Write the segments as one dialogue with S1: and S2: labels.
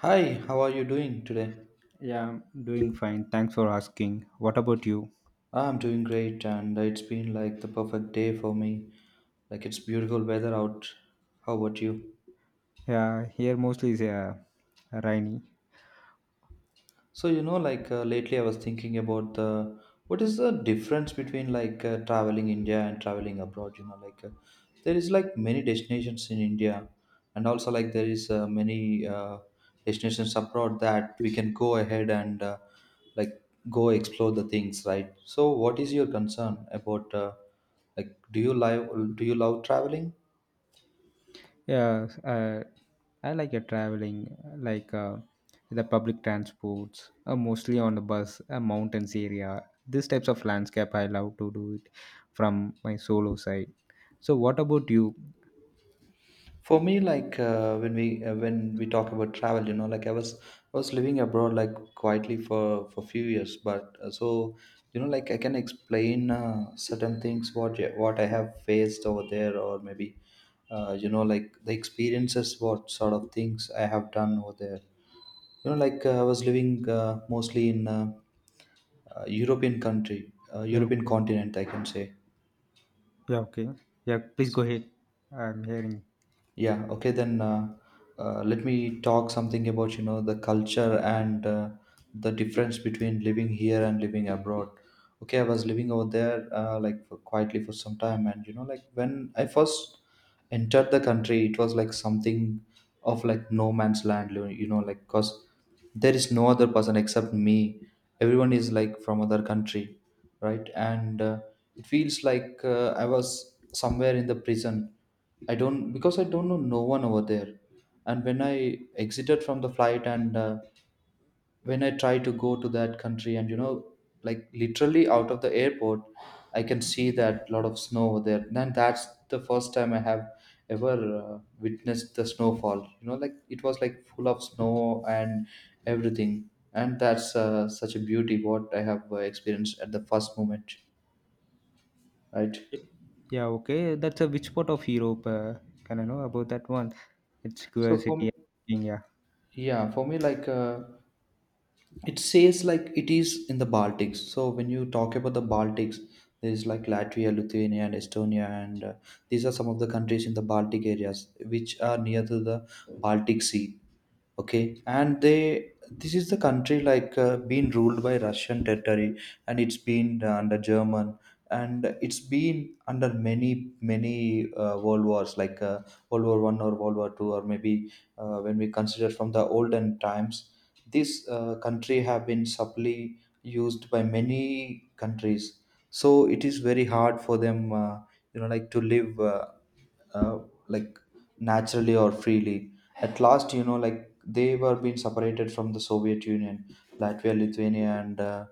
S1: Hi, how are you doing today?
S2: Yeah, I'm doing fine. Thanks for asking. What about you?
S1: I'm doing great, and it's been like the perfect day for me. Like it's beautiful weather out. How about you?
S2: Yeah, here mostly is rainy.
S1: So you know, like lately, I was thinking about the what is the difference between traveling India and traveling abroad. There is like many destinations in India, and also like there is many destinations abroad that we can go ahead and like go explore the things, right? So, what is your concern about like do you love traveling?
S2: Yeah, uh, I like traveling, like the public transports, mostly on the bus, mountains area. These types of landscape, I love to do it from my solo side. So, what about you?
S1: For me, when we when we talk about travel, you know, like I was living abroad like quietly for few years, but so you know, like I can explain certain things what I have faced over there, or maybe you know, like the experiences, what sort of things I have done over there. I was living mostly in European country,
S2: Yeah,
S1: European
S2: okay.
S1: continent, I can say.
S2: Yeah, okay. Yeah, please go ahead. I'm hearing.
S1: Yeah, okay, then let me talk something about, you know, the culture and the difference between living here and living abroad. Okay, I was living over there like for, quietly for some time, and you know, like when I first entered the country, it was like something of like no man's land, you know, like because there is no other person except me. Everyone is like from other country, right? And it feels like I was somewhere in the prison. I don't, because I don't know no one over there. And when I exited from the flight and when I try to go to that country, and you know like literally out of the airport, I can see that lot of snow over there. Then that's the first time I have ever witnessed the snowfall. You know, like it was like full of snow and everything. And that's such a beauty what I have experienced at the first moment, right?
S2: Yeah, okay. That's a which part of Europe? Can I know about that one? It's
S1: So for me,
S2: curiosity. Yeah.
S1: yeah, for me like. It says like it is in the baltics. So when you talk about the baltics, there's like latvia, lithuania, and estonia, and these are some of the countries in the baltic areas which are near to the baltic sea. Okay, and they this is the country been ruled by russian territory, and it's been under german, and it's been under many many world wars world war 1 or world war 2, or maybe when we consider from the olden times, this country have been subtly used by many countries. So it is very hard for them, you know like to live, uh, like naturally or freely. At last, you know, like they were being separated from the Soviet Union. Latvia, Lithuania, and uh,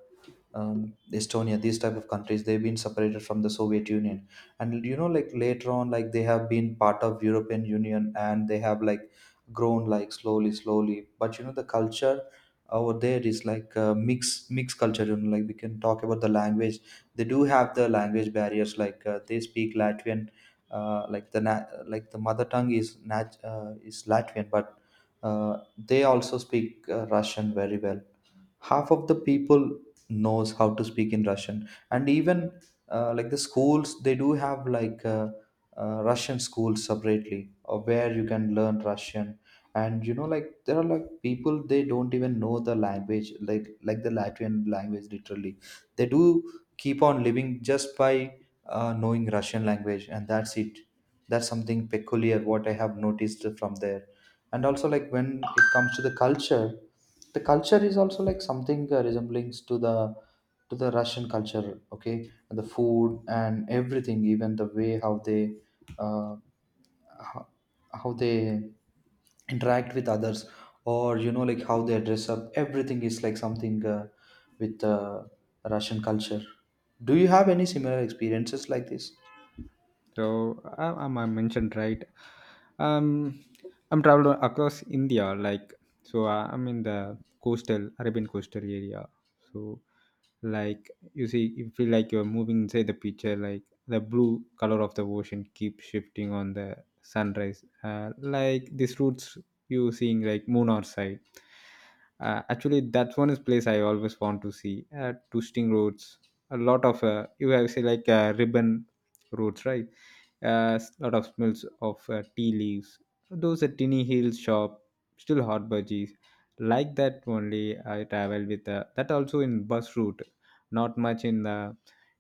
S1: um, Estonia, these type of countries, they've been separated from the Soviet Union, and you know, like later on, like they have been part of European Union, and they have like grown like slowly, slowly. But you know, the culture over there is like mixed culture. You know, like we can talk about the language. They do have the language barriers. Like they speak Latvian. Like the mother tongue is is Latvian, but they also speak Russian very well. Half of the people knows how to speak in russian, and even like the schools, they do have russian schools separately where you can learn russian. And you know like there are like people, they don't even know the language like the latvian language, literally. They do keep on living just by knowing russian language and that's it. That's something peculiar what I have noticed from there. And also like when it comes to the culture, the culture is also like something resembling to the russian culture. Okay, and the food and everything, even the way how they uh, how, how they interact with others, or you know like how they dress up, everything is like something with russian culture. Do you have any similar experiences like this?
S2: So I mentioned right. Um, I'm traveled across India, like so. I'm in the coastal Arabian coastal area. So, like you see, you feel like you're moving inside the picture. Like the blue color of the ocean keeps shifting on the sunrise. Like these routes you seeing like moon or side. Actually, that's one is place I always want to see. Twisting roads, a lot of you have say like ribbon roads, right? A lot of smells of tea leaves. So, those a tinny hill shop, still hot budgies. Like that only I travel with. That also in bus route, not much in the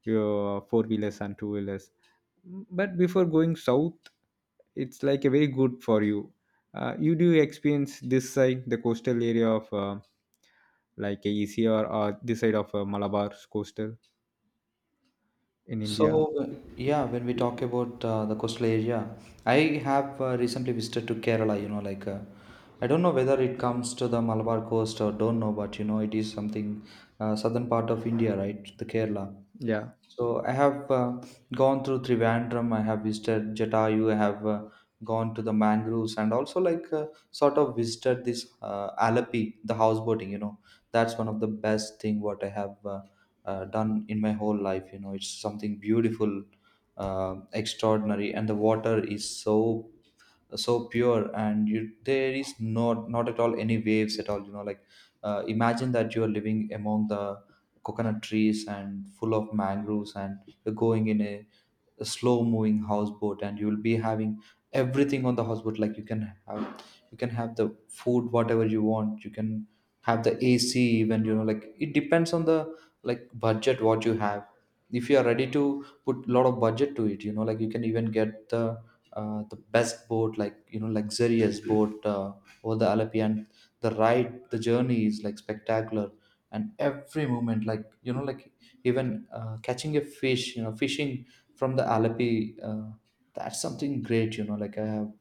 S2: your four wheelers and two wheelers. But before going south, it's like a very good for you. You do experience this side, the coastal area of like a ECR or this side of Malabar coastal in
S1: So,
S2: India.
S1: yeah, when we talk about the coastal area, I have recently visited to Kerala. You know, like I don't know whether it comes to the Malabar coast or don't know, but you know, it is something southern part of India, right? The Kerala.
S2: Yeah.
S1: So I have gone through Trivandrum. I have visited Jatayu. I have gone to the mangroves, and also like sort of visited this Alapi, the houseboating. You know, that's one of the best thing what I have done in my whole life. You know, it's something beautiful, extraordinary, and the water is so so pure, and you, there is not at all any waves at all. You know, like imagine that you are living among the coconut trees and full of mangroves, and you're going in a slow moving houseboat, and you will be having everything on the houseboat. Like you can have, you can have the food whatever you want. You can have the ac, even. You know, like it depends on the like budget what you have. If you are ready to put a lot of budget to it, you know like you can even get the best boat, like you know, luxurious boat over the Alapi. And the ride, the journey is like spectacular. And every moment like you know like even catching a fish, you know, fishing from the Alleppey. That's something great, you know. Like I have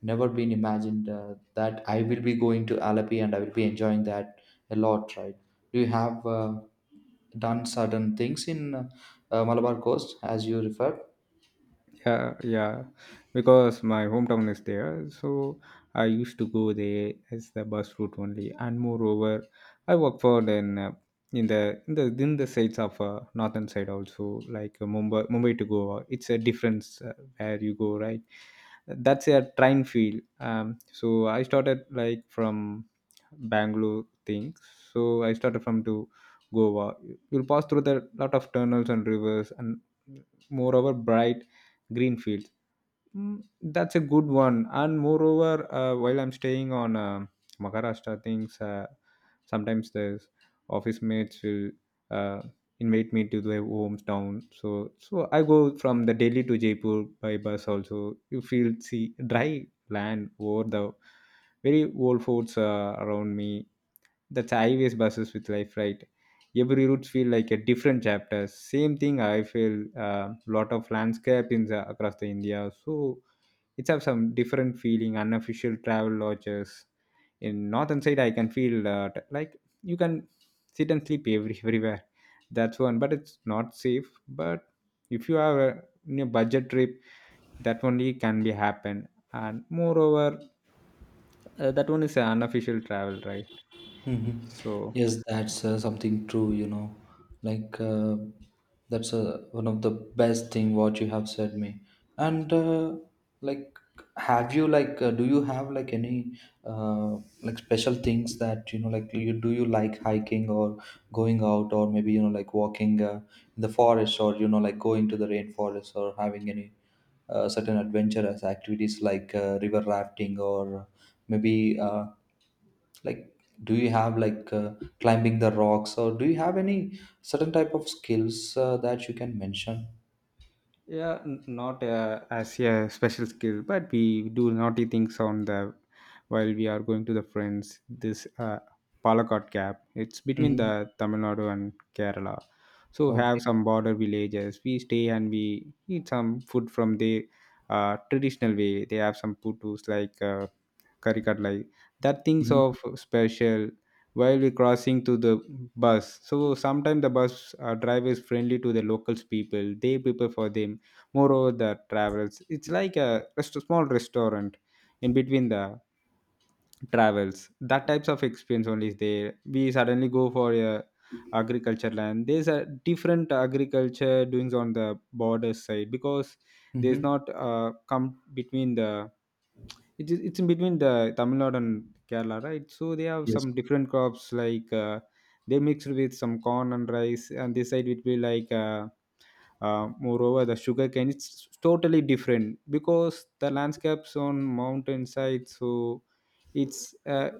S1: never been imagined that I will be going to Alleppey and I will be enjoying that a lot, right? Do you have done certain things in Malabar Coast as you referred?
S2: Yeah, yeah, because my hometown is there. So I used to go there as the bus route only, and moreover I work for then in the in the sides of northern side also, like Mumbai, Mumbai to Goa. It's a difference where you go, right? That's a train field. So I started like from Bangalore thing. So I started from to Goa. You'll pass through the lot of tunnels and rivers, and moreover bright greenfields. Mm, that's a good one. And moreover, while I'm staying on Maharashtra, things sometimes the office mates will uh, invite me to their hometown. So I go from the Delhi to Jaipur by bus. Also, you feel see dry land over the very old forts around me. That's highways buses with life, right? Every route feel like a different chapter. Same thing I feel, a lot of landscape in the, across the India. So it's have some different feeling, unofficial travel lodges. In northern side, I can feel like you can sit and sleep every, everywhere. That's one, but it's not safe. But if you have a, you know, budget trip, that only can be happen. And moreover, that one is an unofficial travel, right?
S1: Hmm.
S2: So
S1: Yes, that's something true, you know. Like that's one of the best thing what you have said me. And like, have you do you have like any uh, like special things that you know like you do, you like hiking or going out, or maybe you know like walking in the forest, or you know like going to the rainforest, or having any certain adventurous activities like river rafting, or maybe like do you have like climbing the rocks, or do you have any certain type of skills that you can mention?
S2: yeah, not as a special skill, but we do naughty things on the, while we are going to the friends, this Palakkad gap. It's between
S1: Hmm.
S2: the Tamil Nadu and Kerala. So have
S1: Okay.
S2: some border villages we stay, and we eat some food from the traditional way. They have some putus, like caricat like that, thinks of
S1: Hmm.
S2: special. While we crossing to the bus, so sometimes the bus driver is friendly to the locals people, they prepare for them. Moreover, the travels, it's like a rest- small restaurant in between the travels. That types of experience only is there. We suddenly go for a agriculture land. There's a different agriculture doings on the border side, because there's
S1: Hmm.
S2: not come between the, it's in between the Tamil Nadu and Kerala, right? So they have
S1: Yes.
S2: some different crops, like they mixed with some corn and rice, and this side it will be like moreover, the sugarcane. It's totally different because the landscapes on mountainside, so it's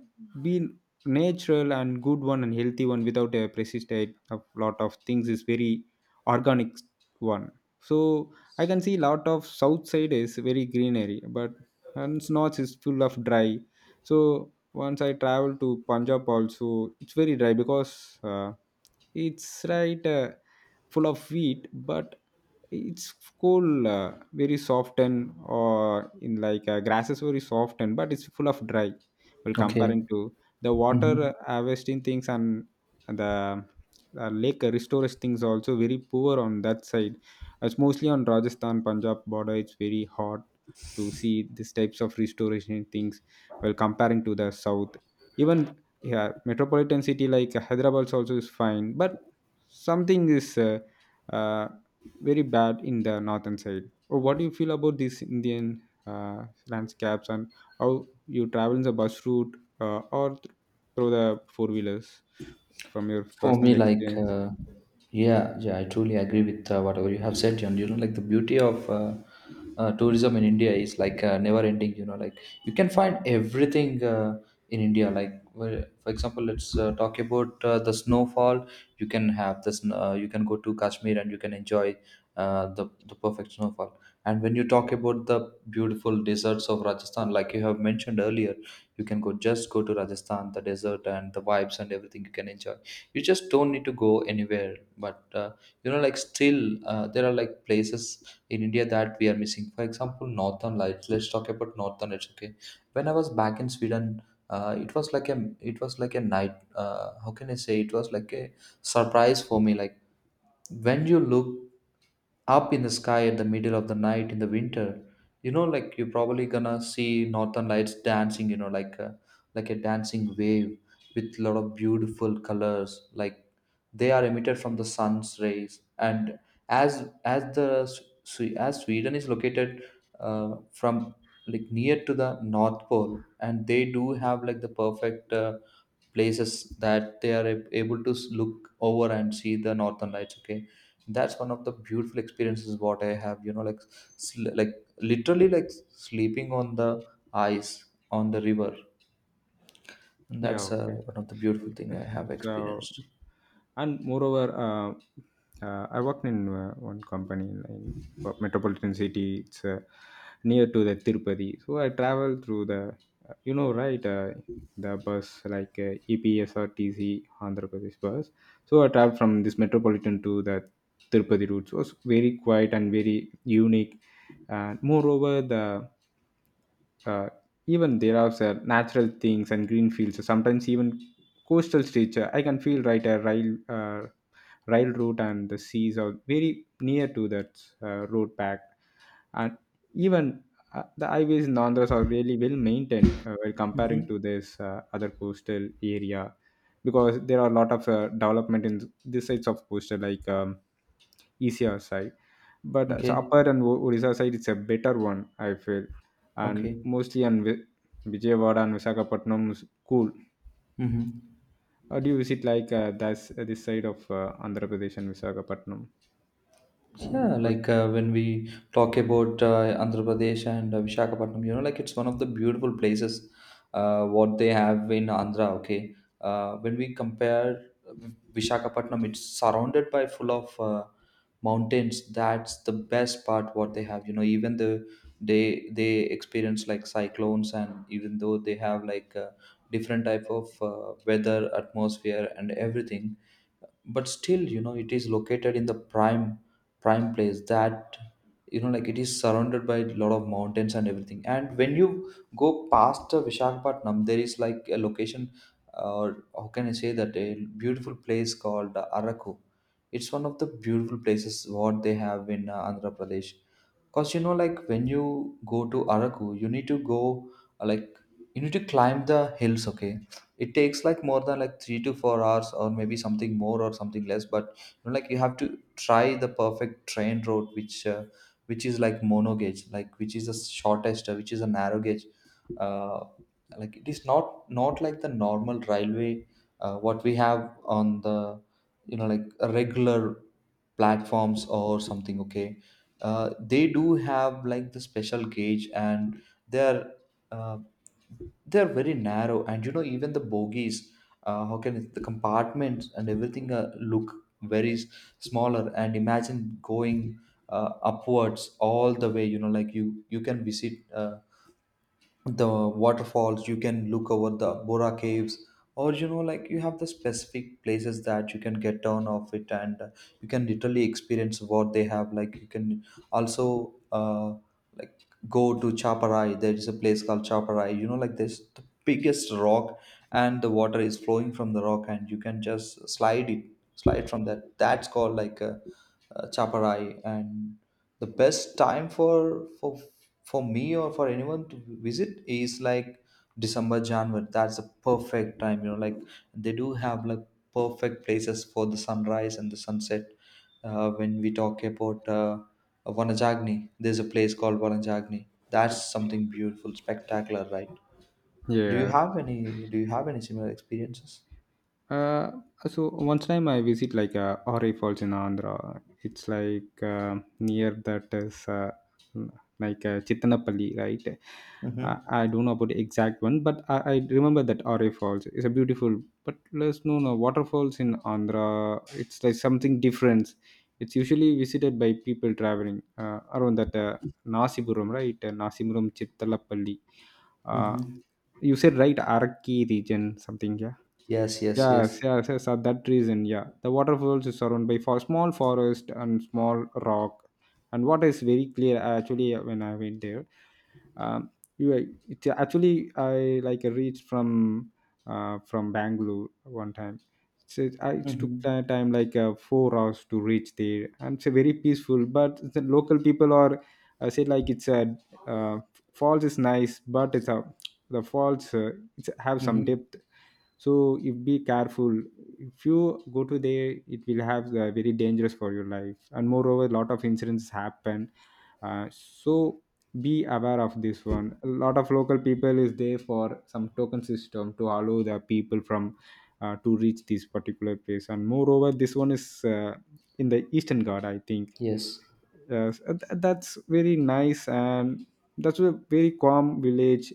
S2: been natural and good one and healthy one without a pesticide. A lot of things is very organic one. So I can see lot of south side is very greenery, but and north is full of dry. So once I travel to Punjab also, it's very dry, because it's right. Full of wheat, but it's cool, uh, very soft and or in like grasses very soft, and but it's full of dry well
S1: Okay.
S2: comparing to the
S1: Hmm.
S2: water harvesting things, and the lake restores things also very poor on that side. It's mostly on Rajasthan Punjab border. It's very hard to see these types of restoration things well comparing to the south. Even yeah, metropolitan city like Hyderabad also is fine, but something is uh, very bad in the northern side. Or what do you feel about these Indian landscapes, and how you travel in the bus route uh, or th- through the four wheelers from your
S1: For me,
S2: personal
S1: like,
S2: experience?
S1: yeah, yeah, I truly agree with whatever you have said, John. You know, like the beauty of tourism in India is like never ending. You know, like you can find everything in India. Like, where- for example, let's talk about the snowfall. You can have this. You can go to Kashmir and you can enjoy the perfect snowfall. And when you talk about the beautiful deserts of Rajasthan, like you have mentioned earlier, you can go, just go to Rajasthan, the desert and the vibes and everything you can enjoy. You just don't need to go anywhere, but you know like still there are like places in india that we are missing. For example northern lights, let's talk about northern lights. Okay, when I was back in sweden, it was like a, it was like a night. How can I say, it was like a surprise for me. Like when you look up in the sky at the middle of the night in the winter, you know like you're probably gonna see northern lights dancing, you know, like a dancing wave with a lot of beautiful colors. Like they are emitted from the sun's rays. And as as sweden is located from like near to the north pole, and they do have like the perfect places that they are able to look over and see the northern lights. Okay, that's one of the beautiful experiences what I have, you know like sl- like literally like sleeping on the ice on the river. And
S2: Yeah,
S1: that's
S2: okay.
S1: one of the beautiful thing I have
S2: So,
S1: experienced.
S2: and moreover, I worked in one company in metropolitan city. It's near to the Tirupati. So I travel through the, you know, right, the bus like EPSRTC Andhra Pradesh bus. So I travel from this metropolitan to the Tirupati route. So it was very quiet and very unique. And moreover, the uh, even there are natural things and green fields. So sometimes even coastal stature. I can feel right a rail rail route, and the seas are very near to that road path, and even the highways in Andhra are really well maintained when comparing
S1: Hmm.
S2: to this other coastal area, because there are a lot of development in this sides of coastal, like easier side, but
S1: Okay.
S2: upper and Odisha side it's a better one I feel, and
S1: Okay.
S2: mostly on Vijayawada and Visakhapatnam is cool.
S1: Mhm.
S2: Or do you visit like that's this side of Andhra Pradesh and Visakhapatnam?
S1: Yeah,
S2: Coast?
S1: like when we talk about Andhra Pradesh and Visakhapatnam, you know, like it's one of the beautiful places what they have in Andhra. Okay, when we compare Visakhapatnam, it's surrounded by full of mountains. That's the best part what they have. You know, even they experience like cyclones, and even though they have like different type of weather, atmosphere, and everything, but still, you know, it is located in the prime place that, you know, like it is surrounded by a lot of mountains and everything. And when you go past Visakhapatnam, there is like a location, or how can I say that, a beautiful place called Araku. It's one of the beautiful places what they have in Andhra Pradesh. Cause, you know, like when you go to Araku, you need to go uh, like you need to climb the hills. Okay, it takes like more than like 3 to 4 hours, or maybe something more or something less. But you know, like you have to try the perfect train route, which is like mono gauge, like which is the shortest, which is a narrow gauge. Uh, like it is not like the normal railway, what we have on the, you know, like regular platforms or something, okay. They do have like the special gauge, and they're uh, they're very narrow, and you know, even the bogies, how can it, the compartments and everything, look very smaller, and imagine going upwards all the way. You know, like you can visit the waterfalls, you can look over the bora caves, or you know, like you have the specific places that you can get down off it, and you can literally experience what they have. Like you can also like go to chaparai, there is a place called chaparai, you know, like this the biggest rock, and the water is flowing from the rock, and you can just slide from that. That's called like a Chaparai, and the best time for me, or for anyone to visit, is like December, January. That's the perfect time. Like they do have like perfect places for the sunrise and the sunset. When we talk about Vanajagni, there's a place called Vanajagni. That's something beautiful, spectacular, right? Do you
S2: Yeah.
S1: have any? Do you have any similar experiences?
S2: Uh, so once time I visit like Ori Falls in Andhra. It's like near that is like Chittanapalli, right?
S1: Mm-hmm.
S2: I don't know about the exact one, but I remember that Ori Falls is a beautiful. But let's no waterfalls in Andhra. It's like something different. It's usually visited by people traveling around that Nasipuram, right? Nasipuram Chittalapalli. Uh,
S1: Mm-hmm.
S2: you said right Araki region something, yeah.
S1: Yes, yes, yes.
S2: Yes, yes, yes. For that reason, yeah. The waterfalls is surrounded by for small forest and small rock. And what is very clear actually when I went there, um, you are- it, actually I like reached from Bangalore one time. So it, it took
S1: Mm-hmm.
S2: time like 4 hours to reach there, and it's a very peaceful. But the local people are say like it's a uh, falls is nice, but it's a the falls it's have some
S1: Mm-hmm.
S2: depth. So if be careful, if you go to there, it will have very dangerous for your life, and moreover lot of incidents happen. So be aware of this one. A lot of local people is there for some token system to allow the people from to reach this particular place, and moreover this one is in the eastern god I think.
S1: Yes.
S2: Yes, so, that's very nice, and that's a very calm village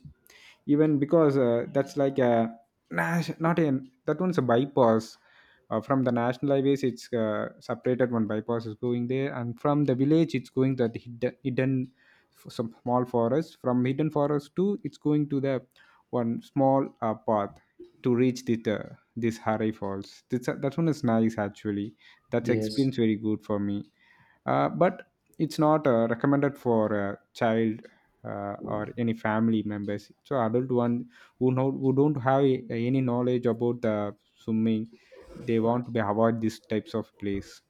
S2: even because that's like a Nash, not in that one's a bypass from the national highways. It's separated one bypass is going there, and from the village it's going that hidden some small forest, from hidden forest to it's going to the one small path to reach the this Harai Falls. This, that one is nice actually. That's
S1: Yes,
S2: experience very good for me, but it's not recommended for a child or any family members, so adult one who know, who don't have any knowledge about the swimming, they want to be avoid these types of place.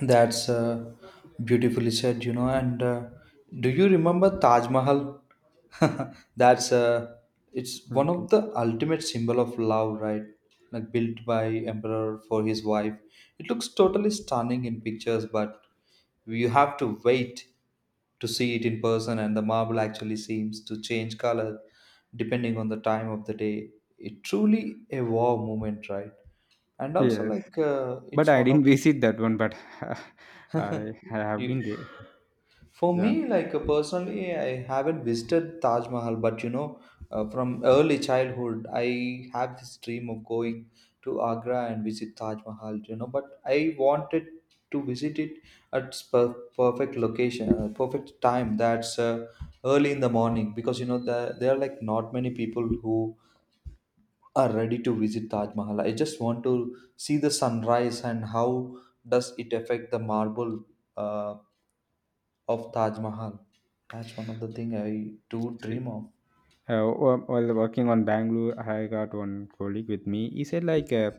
S1: that's beautifully said. And do you remember Taj Mahal? That's it's one of
S2: Okay,
S1: the ultimate symbol of love, right? Like built by emperor for his wife. It looks totally stunning in pictures, but you have to wait to see it in person, and the marble actually seems to change color depending on the time of the day. It truly a wow moment, right? And also,
S2: yes,
S1: like
S2: but
S1: it's
S2: I
S1: one
S2: didn't
S1: of.
S2: visit that one, but i i have been
S1: You,
S2: there.
S1: for
S2: Yeah.
S1: me, like personally, I haven't visited Taj Mahal, but from early childhood, I have this dream of going to Agra and visit Taj Mahal, but I wanted to visit it at its perfect location, perfect time. That's early in the morning, because you know there are like not many people who are ready to visit Taj Mahal. I just want to see the sunrise and how does it affect the marble. uh, of Taj Mahal. That's one of the thing I do
S2: See,
S1: dream of.
S2: While working on Bangalore, I got one colleague with me. He said, like, uh,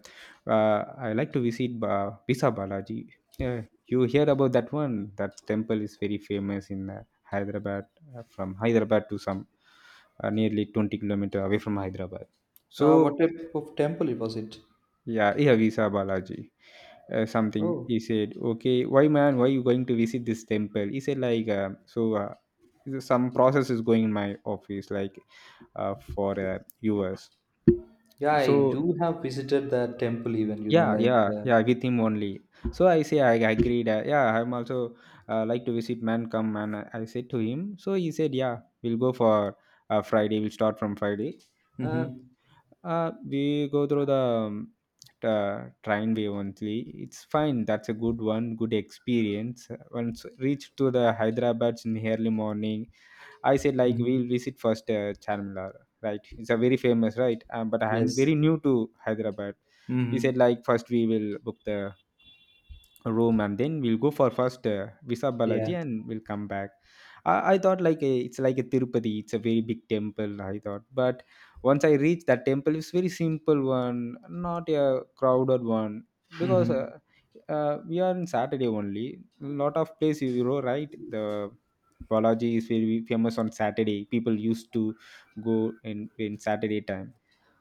S2: uh, I like to visit Bisa Balaji. Yeah, you hear about that one? That temple is very famous in Hyderabad, from Hyderabad to some nearly 20 kilometer away from Hyderabad.
S1: What
S2: So,
S1: type of temple it was it?
S2: yeah, yeah, Visa Balaji something
S1: Oh,
S2: he said. Okay, why man, why you going to visit this temple? He said like, so some process is going in my office, like for us.
S1: yeah, I
S2: So
S1: do have visited that temple even, you know,
S2: yeah,
S1: like
S2: yeah,
S1: the.
S2: yeah, with him only. So I say I agreed, yeah, I'm also like to visit man. Come. And I said to him, so he said yeah, we'll go for Friday, we'll start from Friday. uh,
S1: Mm-hmm.
S2: we go through the train way only. It's fine. That's a good one. Good experience. Once reached to the Hyderabad in early morning, I said like
S1: Mm-hmm.
S2: we'll visit first Charminar. Right, it's a very famous right. But I'm
S1: Yes.
S2: very new to Hyderabad. We said
S1: Mm-hmm.
S2: like first we will book the room and then we'll go for first visa
S1: Yeah.
S2: balaji and we'll come back. I thought like a, it's like a tirupati, it's a very big temple I thought, but once I reached that temple it's very simple one, not a crowded one because
S1: Mm-hmm.
S2: we are on saturday only, lot of place you know, right? The balaji is very famous on saturday, people used to go in saturday time,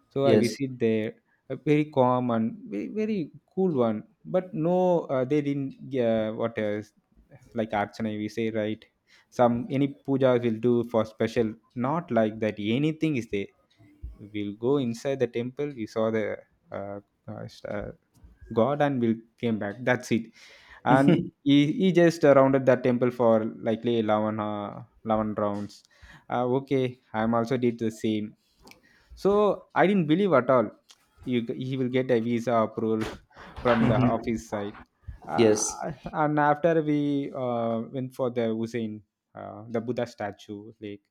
S2: so I
S1: Yes.
S2: visit there, a very calm and very cool one. But no, they didn't. What else? Like archana, we say right. Some any puja will do for special. Not like that. Anything is there. We'll go inside the temple. We saw the uh, uh, uh, God and we'll came back. That's it. And he just rounded that temple for likely 11 rounds. Okay, I'm also did the same, so I didn't believe at all. You, he will get a visa approval from the
S1: Mm-hmm.
S2: office side. Uh,
S1: Yes.
S2: and after we went for the Hussein, the Buddha statue, lake.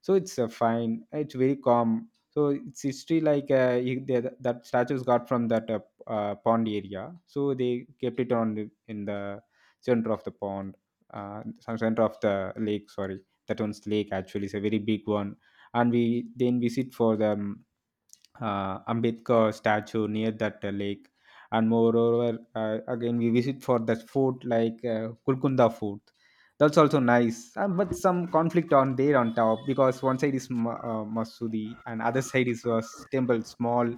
S2: So it's fine. It's very calm. So it's history like that statues got from that pond area. So they kept it on the, in the center of the pond, some center of the lake. Sorry, that one's lake actually is a very big one, and we then visit for the Ambedkar statue near that lake. And moreover, again, we visit for that fort like Kulkunda Fort. That's also nice, but some conflict on there on top, because one side is Masudi and other side is a temple, small.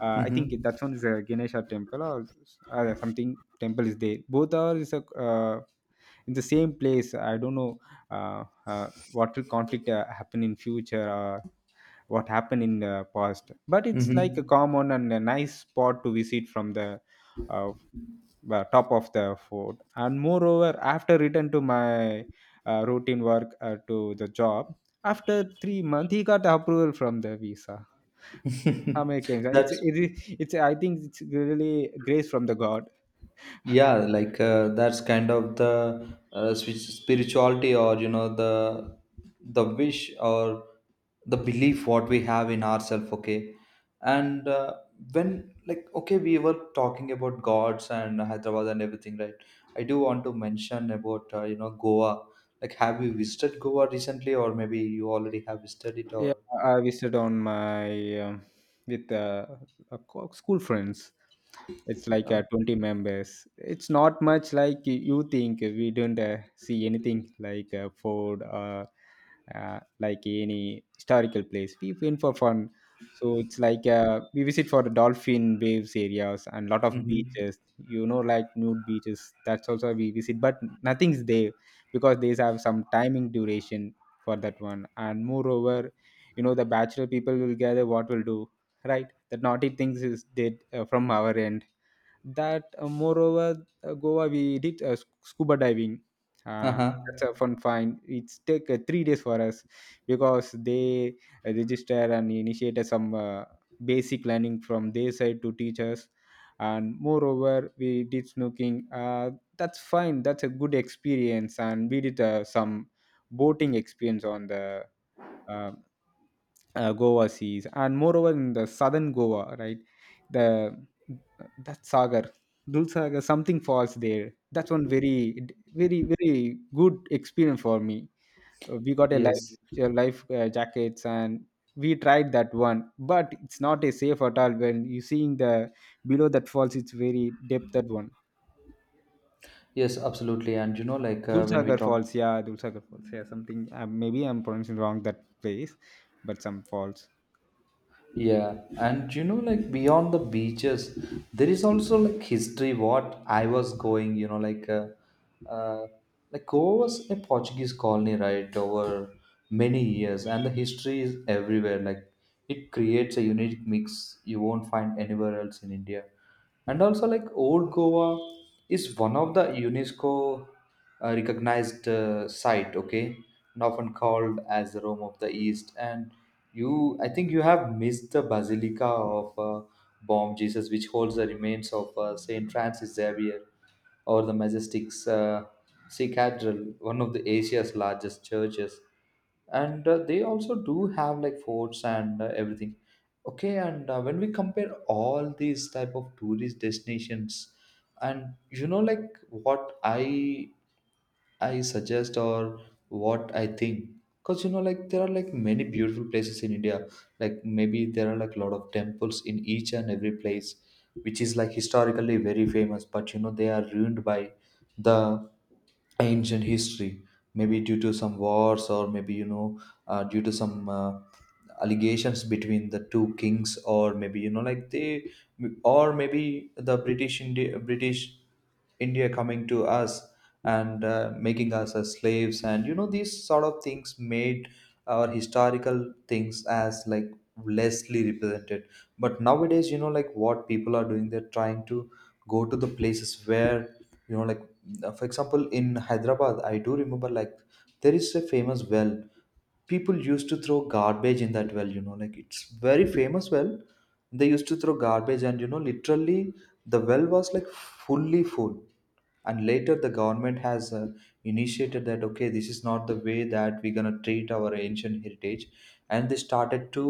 S2: I think
S1: Mm-hmm.
S2: that one is a Ganesha temple or something temple is there. Both are is a, in the same place. I don't know what will conflict happen in future. What happened in the past, but it's like a
S1: Mm-hmm.
S2: common and a nice spot to visit from the uh, top of the fort. And moreover, after return to my routine work to the job, after 3 months he got approval from the visa Americans.
S1: That's
S2: It's, I think it's really grace from the God.
S1: yeah like that's kind of the spirituality, or you know, the wish or the belief what we have in ourselves, okay. And when, like, okay, we were talking about gods and Hyderabad and everything, right, I do want to mention about Goa. Like, have you visited Goa recently, or maybe you already have visited it, or
S2: Yeah, I visit on my with uh, school friends. It's like
S1: uh,
S2: 20 members. It's not much like you think. We don't see anything like Ford or like any historical place. We went for fun. So it's like we visit for the dolphin waves areas and lot of
S1: mhm.
S2: beaches. You know, like nude beaches. That's also we visit, but nothing's there because these have some timing duration for that one. And moreover, you know the bachelor people will gather what will do, right? That naughty things is did from our end. That moreover goa we did scuba diving, uh,
S1: Uh-huh,
S2: that's a fun find. It's take 3 days for us because they register and initiated some basic learning from their side to teach us. And moreover we did snooking, that's fine, that's a good experience. And we did some boating experience on the uh, Goa seas. And moreover, in the southern Goa, right? The that Sagar, Dul Sagar, something falls there. That's one very, very, very good experience for me. We got
S1: yes,
S2: a life jackets, and we tried that one, but it's not a safe at all. When you seeing the below that falls, it's very depth that one.
S1: yes, absolutely. And you know, like when we talk.
S2: Dulsagar Falls, yeah, something. Maybe I'm pronouncing wrong that place, but some falls.
S1: Yeah, and you know, like beyond the beaches, there is also like history. What I was going, you know, uh, like Goa was a Portuguese colony, right, over many years, and the history is everywhere. Like, it creates a unique mix you won't find anywhere else in India. And also, like old Goa is one of the UNESCO recognized site, okay. And often called as the Rome of the East, and you I think you have missed the basilica of Bom Jesus, which holds the remains of Saint Francis Xavier, or the majestic uh, sea cathedral, one of the Asia's largest churches. And they also do have like forts and everything, okay. And when we compare all these type of tourist destinations, and you know, like what I suggest, or what I think. Because you know, like there are like many beautiful places in India. Like maybe there are like a lot of temples in each and every place, which is like historically very famous. But you know, they are ruined by the ancient history. Maybe due to some wars, or maybe you know, due to some allegations between the two kings, or maybe you know, or maybe the British India coming to us, and making us as slaves, and you know, these sort of things made our historical things as like lessly represented. But nowadays, you know, like what people are doing, they're trying to go to the places where, you know, like for example, in Hyderabad, I do remember like there is a famous well. People used to throw garbage in that well, you know, like it's very famous well, they used to throw garbage, and you know, literally the well was like fully full. And later, the government has initiated that, okay, this is not the way that we're going to treat our ancient heritage, and they started to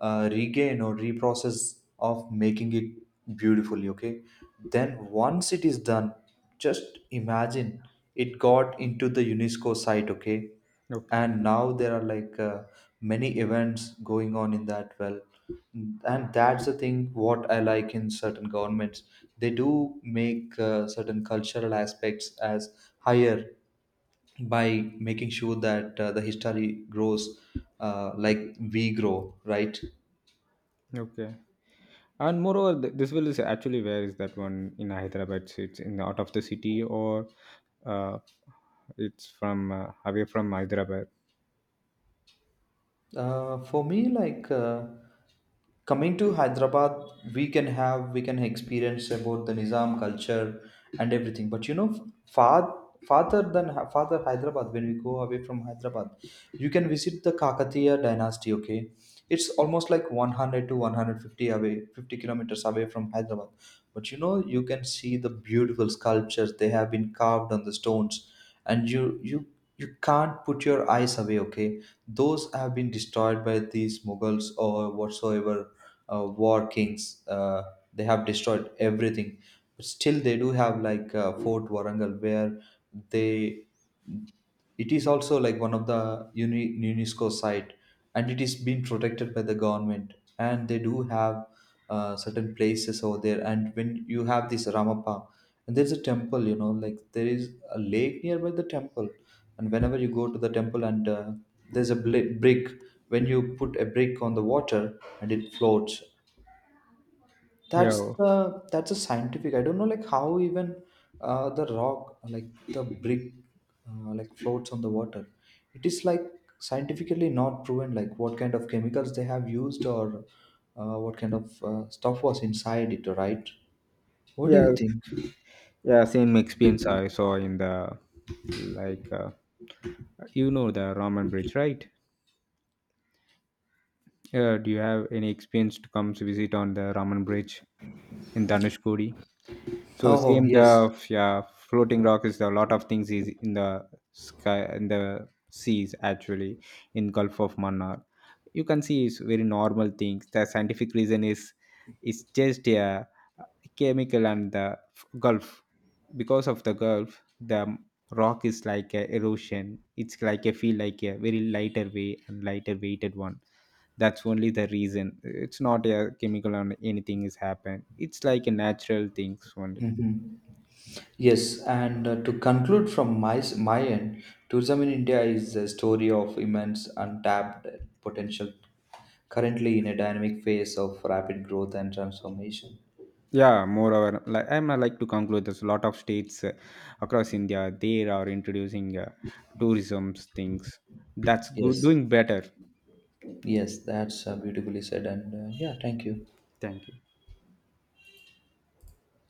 S1: regain or reprocess of making it beautifully, okay. Then once it is done, just imagine, it got into the UNESCO site, okay.
S2: Okay,
S1: And now there are like many events going on in that well, and that's the thing what I like in certain governments. They do make certain cultural aspects as higher by making sure that the history grows, like we grow, right.
S2: okay. And moreover, this will is actually where is that one in Hyderabad? So it's in the out of the city or uh, it's from away from Hyderabad.
S1: For me, like coming to Hyderabad, we can experience about the Nizam culture and everything. But you know, far farther than farther Hyderabad, when we go away from Hyderabad, you can visit the Kakatiya dynasty. Okay, it's almost like 100 to 150 away, 50 kilometers away from Hyderabad. But you know, you can see the beautiful sculptures they have been carved on the stones, and you can't put your eyes away, okay. Those have been destroyed by these Mughals or whatsoever war kings. They have destroyed everything. But still, they do have like Fort Warangal, where they it is also like one of the UNESCO site, and it is being protected by the government, and they do have certain places over there. And when you have this Ramappa, and there's a temple, you know, like there is a lake nearby the temple, and whenever you go to the temple, and there's a brick, when you put a brick on the water and it floats. that's
S2: Yeah,
S1: the that's a scientific, I don't know like how even the rock, like the brick, like floats on the water. It is like scientifically not proven, like what kind of chemicals they have used, or what kind of stuff was inside it, right. What do you
S2: yes,
S1: think?
S2: yeah. Same experience I saw in the like you know the Raman Bridge, right? Do you have any experience to come to visit on the Raman Bridge in Dhanushkodi? So
S1: Oh,
S2: same
S1: yes.
S2: the yeah, floating rock is a lot of things, is in the sky, in the seas actually, in Gulf of Mannar. You can see it's very normal things. The scientific reason is it's just a chemical and the Gulf, because of the Gulf the rock is like a erosion. It's like a feel like a very lighter way and lighter weighted one. That's only the reason. It's not a chemical or anything is happened. It's like a natural things only.
S1: Mhm. Yes, and to conclude from my end, tourism in India is a story of immense untapped potential, currently in a dynamic phase of rapid growth and transformation.
S2: Yeah, moreover, like I'm like to conclude, there's a lot of states across India they are introducing tourism things. That's good,
S1: Yes,
S2: doing better.
S1: yes, that's beautifully said. And yeah, thank you.
S2: Thank you.